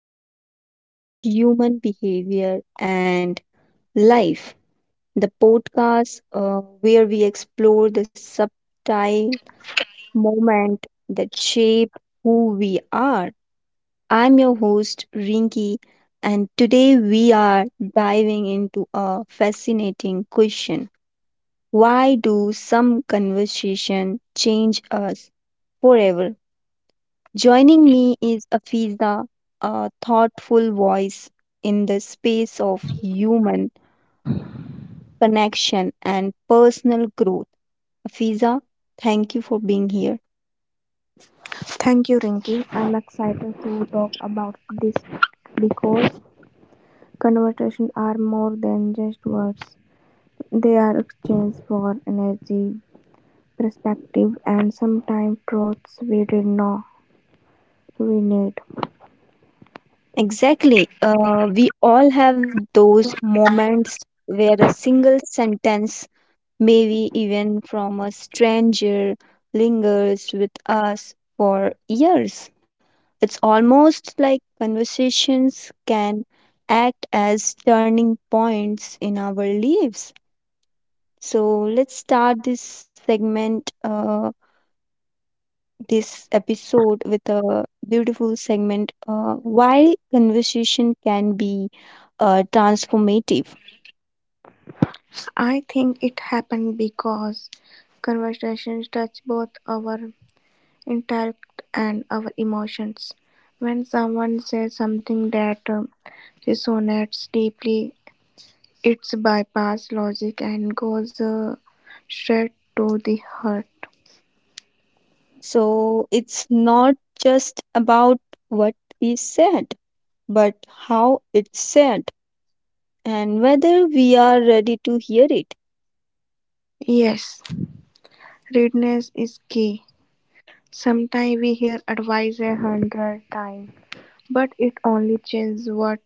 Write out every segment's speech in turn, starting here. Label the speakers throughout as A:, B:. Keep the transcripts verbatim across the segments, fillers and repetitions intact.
A: welcome to Human Behavior and Life, the podcast uh, where we explore the subtle moment that shape who we are. I'm your host Rinki, and today we are diving into a fascinating question. Why do some conversation change us forever? Joining me is Afiza, a thoughtful voice in the space of human connection and personal growth. Afiza, thank you for being here.
B: Thank you, Rinki. I'm excited to talk about this because conversations are more than just words. They are exchanged for energy, perspective, and sometimes truths we didn't know we need.
A: Exactly. Uh, we all have those moments where a single sentence, maybe even from a stranger, lingers with us for years. It's almost like conversations can act as turning points in our lives. So let's start this segment, uh, this episode with a beautiful segment, uh, Why Conversation Can Be uh, Transformative.
B: I think it happened because conversations touch both our intellect and our emotions. When someone says something that um, resonates deeply, it bypass logic and goes uh, straight to the heart.
A: So it's not just about what is said, but how it's said and whether we are ready to hear it.
B: Yes, readiness is key. Sometimes we hear advice a hundred times, but it only changes what,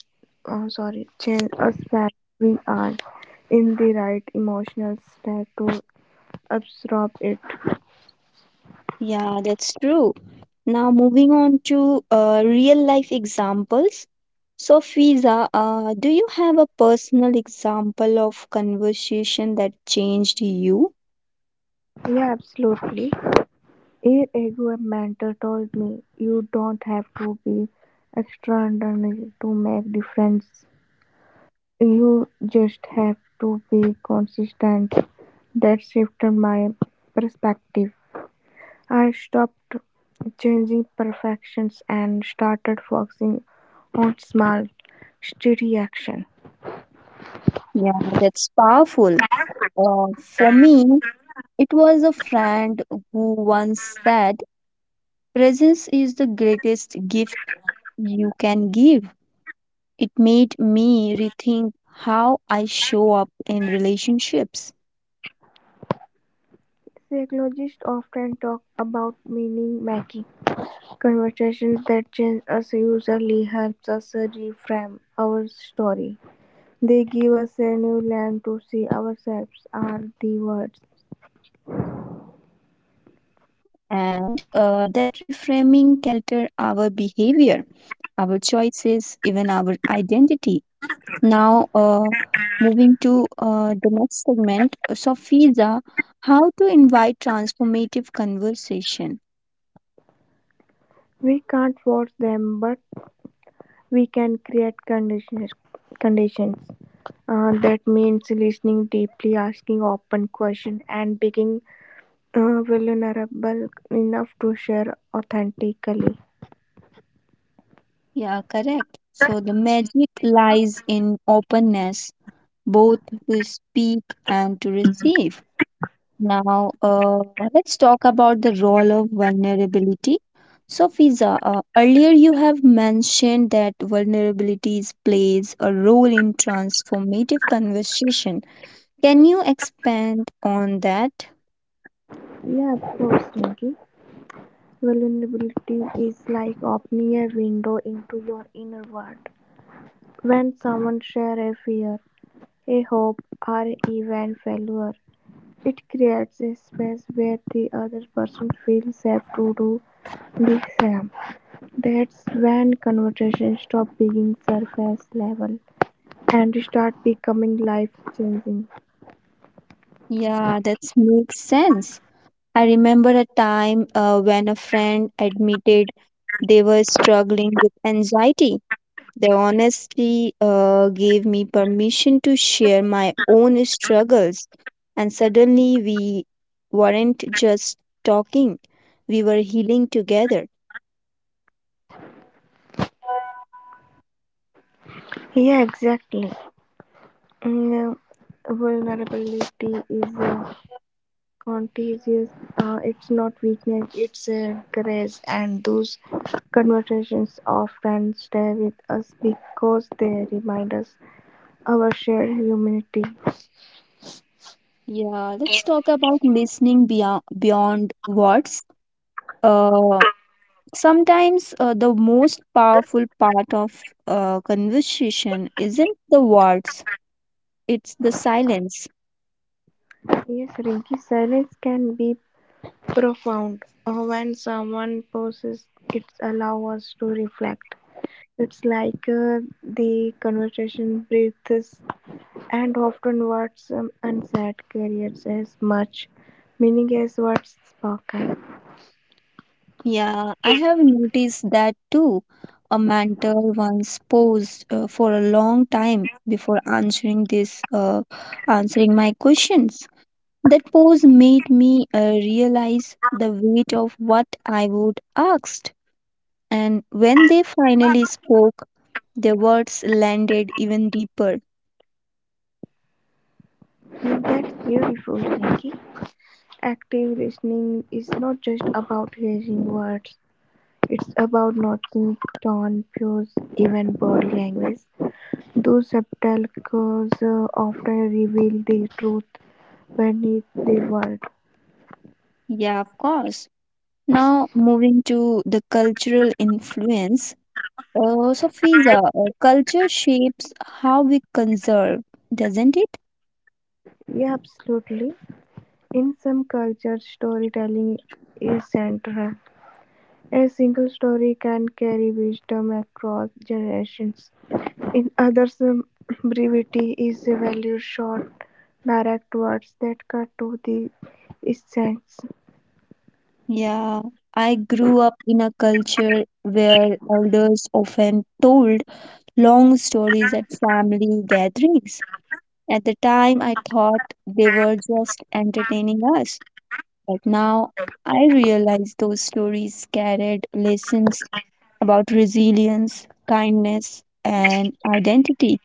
B: oh, sorry, change us when we are in the right emotional state to absorb it.
A: Yeah, that's true. Now, moving on to uh, real life examples. So, Fiza, uh, do you have a personal example of conversation that changed you?
B: Yeah, absolutely. Year ago, mentor told me you don't have to be extraordinary to make difference. You just have to be consistent. That shifted my perspective. I stopped chasing perfections and started focusing on small, steady action.
A: Yeah, that's powerful. Uh, for me, it was a friend who once said, Presence is the greatest gift you can give. It made me rethink how I show up in relationships.
B: Psychologists often talk about meaning making. Conversations that change us usually helps us reframe our story. They give us a new lens to see ourselves or the words.
A: And uh, that reframing can alter our behavior, our choices, even our identity. Now, uh, moving to uh, the next segment, Sofiza, how to invite transformative conversation.
B: We can't force them, but we can create conditions conditions uh, that means listening deeply, asking open questions, and being uh, vulnerable enough to share authentically.
A: Yeah, correct. So the magic lies in openness, both to speak and to receive. Now, uh, let's talk about the role of vulnerability. So, Fiza, uh, earlier you have mentioned that vulnerabilities plays a role in transformative conversation. Can you expand on that?
B: Yeah, of course, Nikki. Vulnerability is like opening a window into your inner world. When someone shares a fear, a hope, or even failure, it creates a space where the other person feels safe to do the same. That's when conversations stop being surface level and start becoming life changing.
A: Yeah, that makes sense. I remember a time uh, when a friend admitted they were struggling with anxiety. They honestly uh, gave me permission to share my own struggles, and suddenly we weren't just talking, we were healing together.
B: Yeah, exactly. Mm, vulnerability is uh, contagious. Uh, it's not weakness, it's a grace. And those conversations often stay with us because they remind us our shared humanity.
A: Yeah, let's talk about listening beyond beyond words. Uh, sometimes uh, the most powerful part of uh, conversation isn't the words, it's the silence.
B: Yes, Rinki, silence can be profound. Uh, when someone poses, it allows us to reflect. It's like uh, the conversation breathes, and often what's um, unsaid carries as much meaning as what's spoken.
A: Yeah, I have noticed that too. A mentor once posed uh, for a long time before answering this, uh, answering my questions. That pose made me uh, realize the weight of what I would asked. And when they finally spoke, their words landed even deeper.
B: That's beautiful, Nikki. Active listening is not just about hearing words. It's about noticing tone, pose, even body language. Those subtle cues uh, often reveal the truth beneath the word.
A: Yeah, of course. Now, moving to the cultural influence. Uh, so, Fiza, uh, culture shapes how we conserve, doesn't it?
B: Yeah, absolutely. In some cultures, storytelling is central. A single story can carry wisdom across generations. In others, um, brevity is a valued short, direct words that cut to the essence.
A: Yeah, I grew up in a culture where elders often told long stories at family gatherings. At the time, I thought they were just entertaining us, but now I realize those stories carried lessons about resilience, kindness, and identity.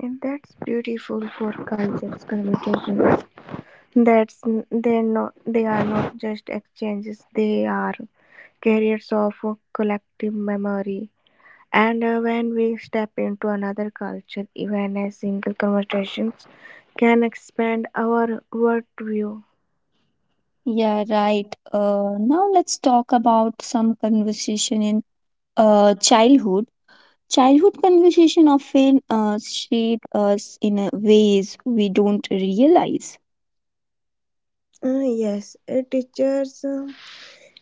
B: And that's beautiful for cultures communication. That's they not they are not just exchanges, they are carriers of a collective memory. And uh, when we step into another culture, even a single conversation can expand our worldview.
A: Yeah, right. Uh, now let's talk about some conversation in uh, childhood. Childhood conversation often uh, shape us in a ways we don't realize.
B: Uh, yes, a teacher's uh,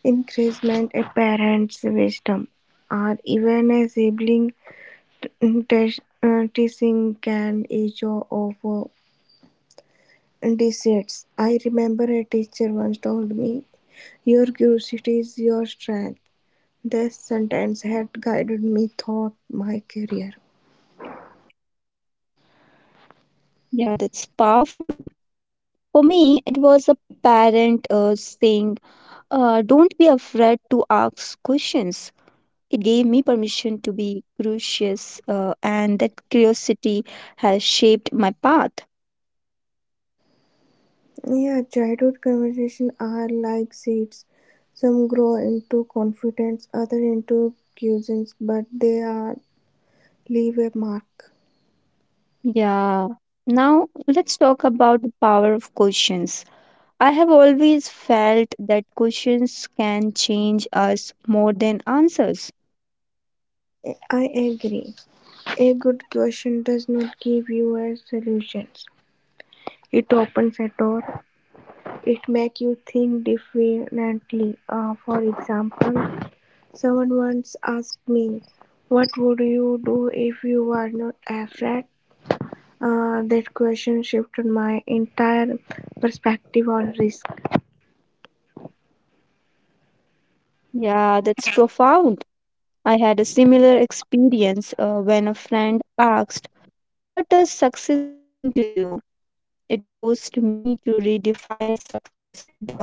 B: encouragement, a parent's wisdom, or even a sibling t- teach- uh, teaching can each of uh, decides. I remember a teacher once told me, "Your curiosity is your strength." This sentence had guided me throughout my career.
A: Yeah, that's powerful. For me, it was a parent uh, saying, uh, Don't be afraid to ask questions. It gave me permission to be curious, uh, and that curiosity has shaped my path.
B: Yeah, childhood conversations are like seeds. Some grow into confidence, other into cuisines, but they are leave a mark.
A: Yeah. Now, let's talk about the power of questions. I have always felt that questions can change us more than answers.
B: I agree. A good question does not give you a solution. It opens a door. It makes you think differently. Uh, for example, someone once asked me, "What would you do if you were not afraid?" Uh, that question shifted my entire perspective on risk.
A: Yeah, that's profound. I had a similar experience uh, when a friend asked, What does success mean to you? It forced me to redefine success beyond money or recognition.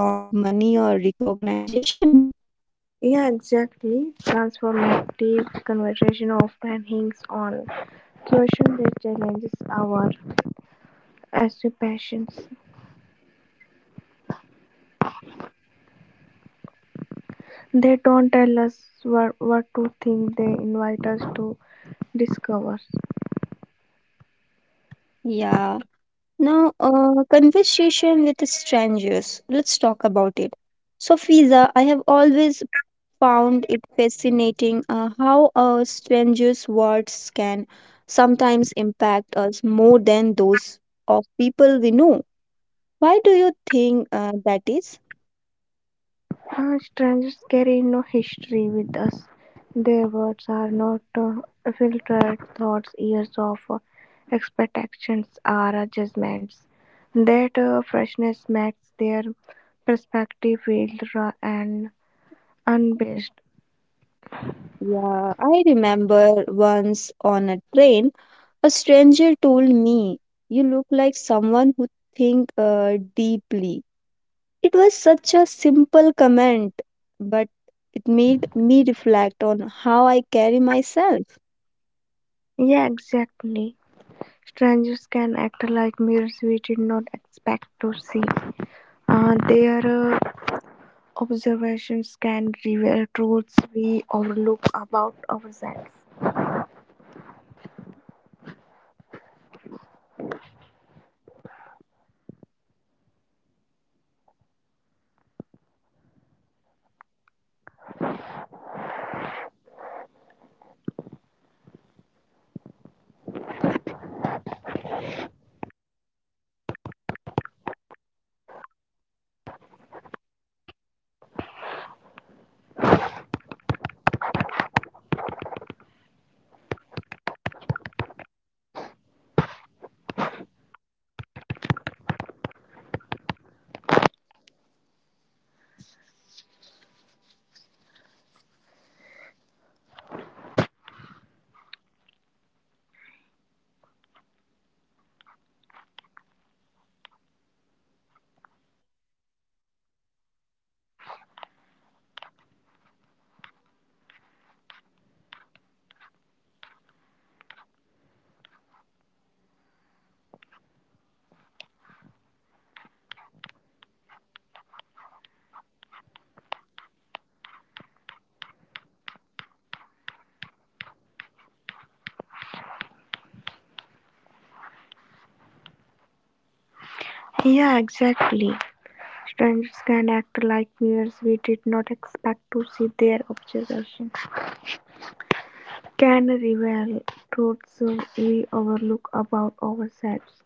B: Yeah, exactly. Transformative conversation often hinges on questions that challenges our assumptions. They don't tell us what, what to think. They invite us to discover.
A: Yeah. Now, uh, conversation with strangers. Let's talk about it. So, Fiza, I have always found it fascinating uh, how a stranger's words can sometimes impact us more than those
B: Uh, strangers carry no history with us. Their words are not uh, filtered thoughts, years of uh, expectations are uh, judgments. That uh, freshness makes their perspective feel raw and unbased. Yeah, exactly. Strangers can act like mirrors we did not expect to see. Uh, their uh, observations can reveal truths we overlook about ourselves. Yeah, exactly. Strangers can act like mirrors we did not expect to see. Their observations can reveal truths we overlook about ourselves.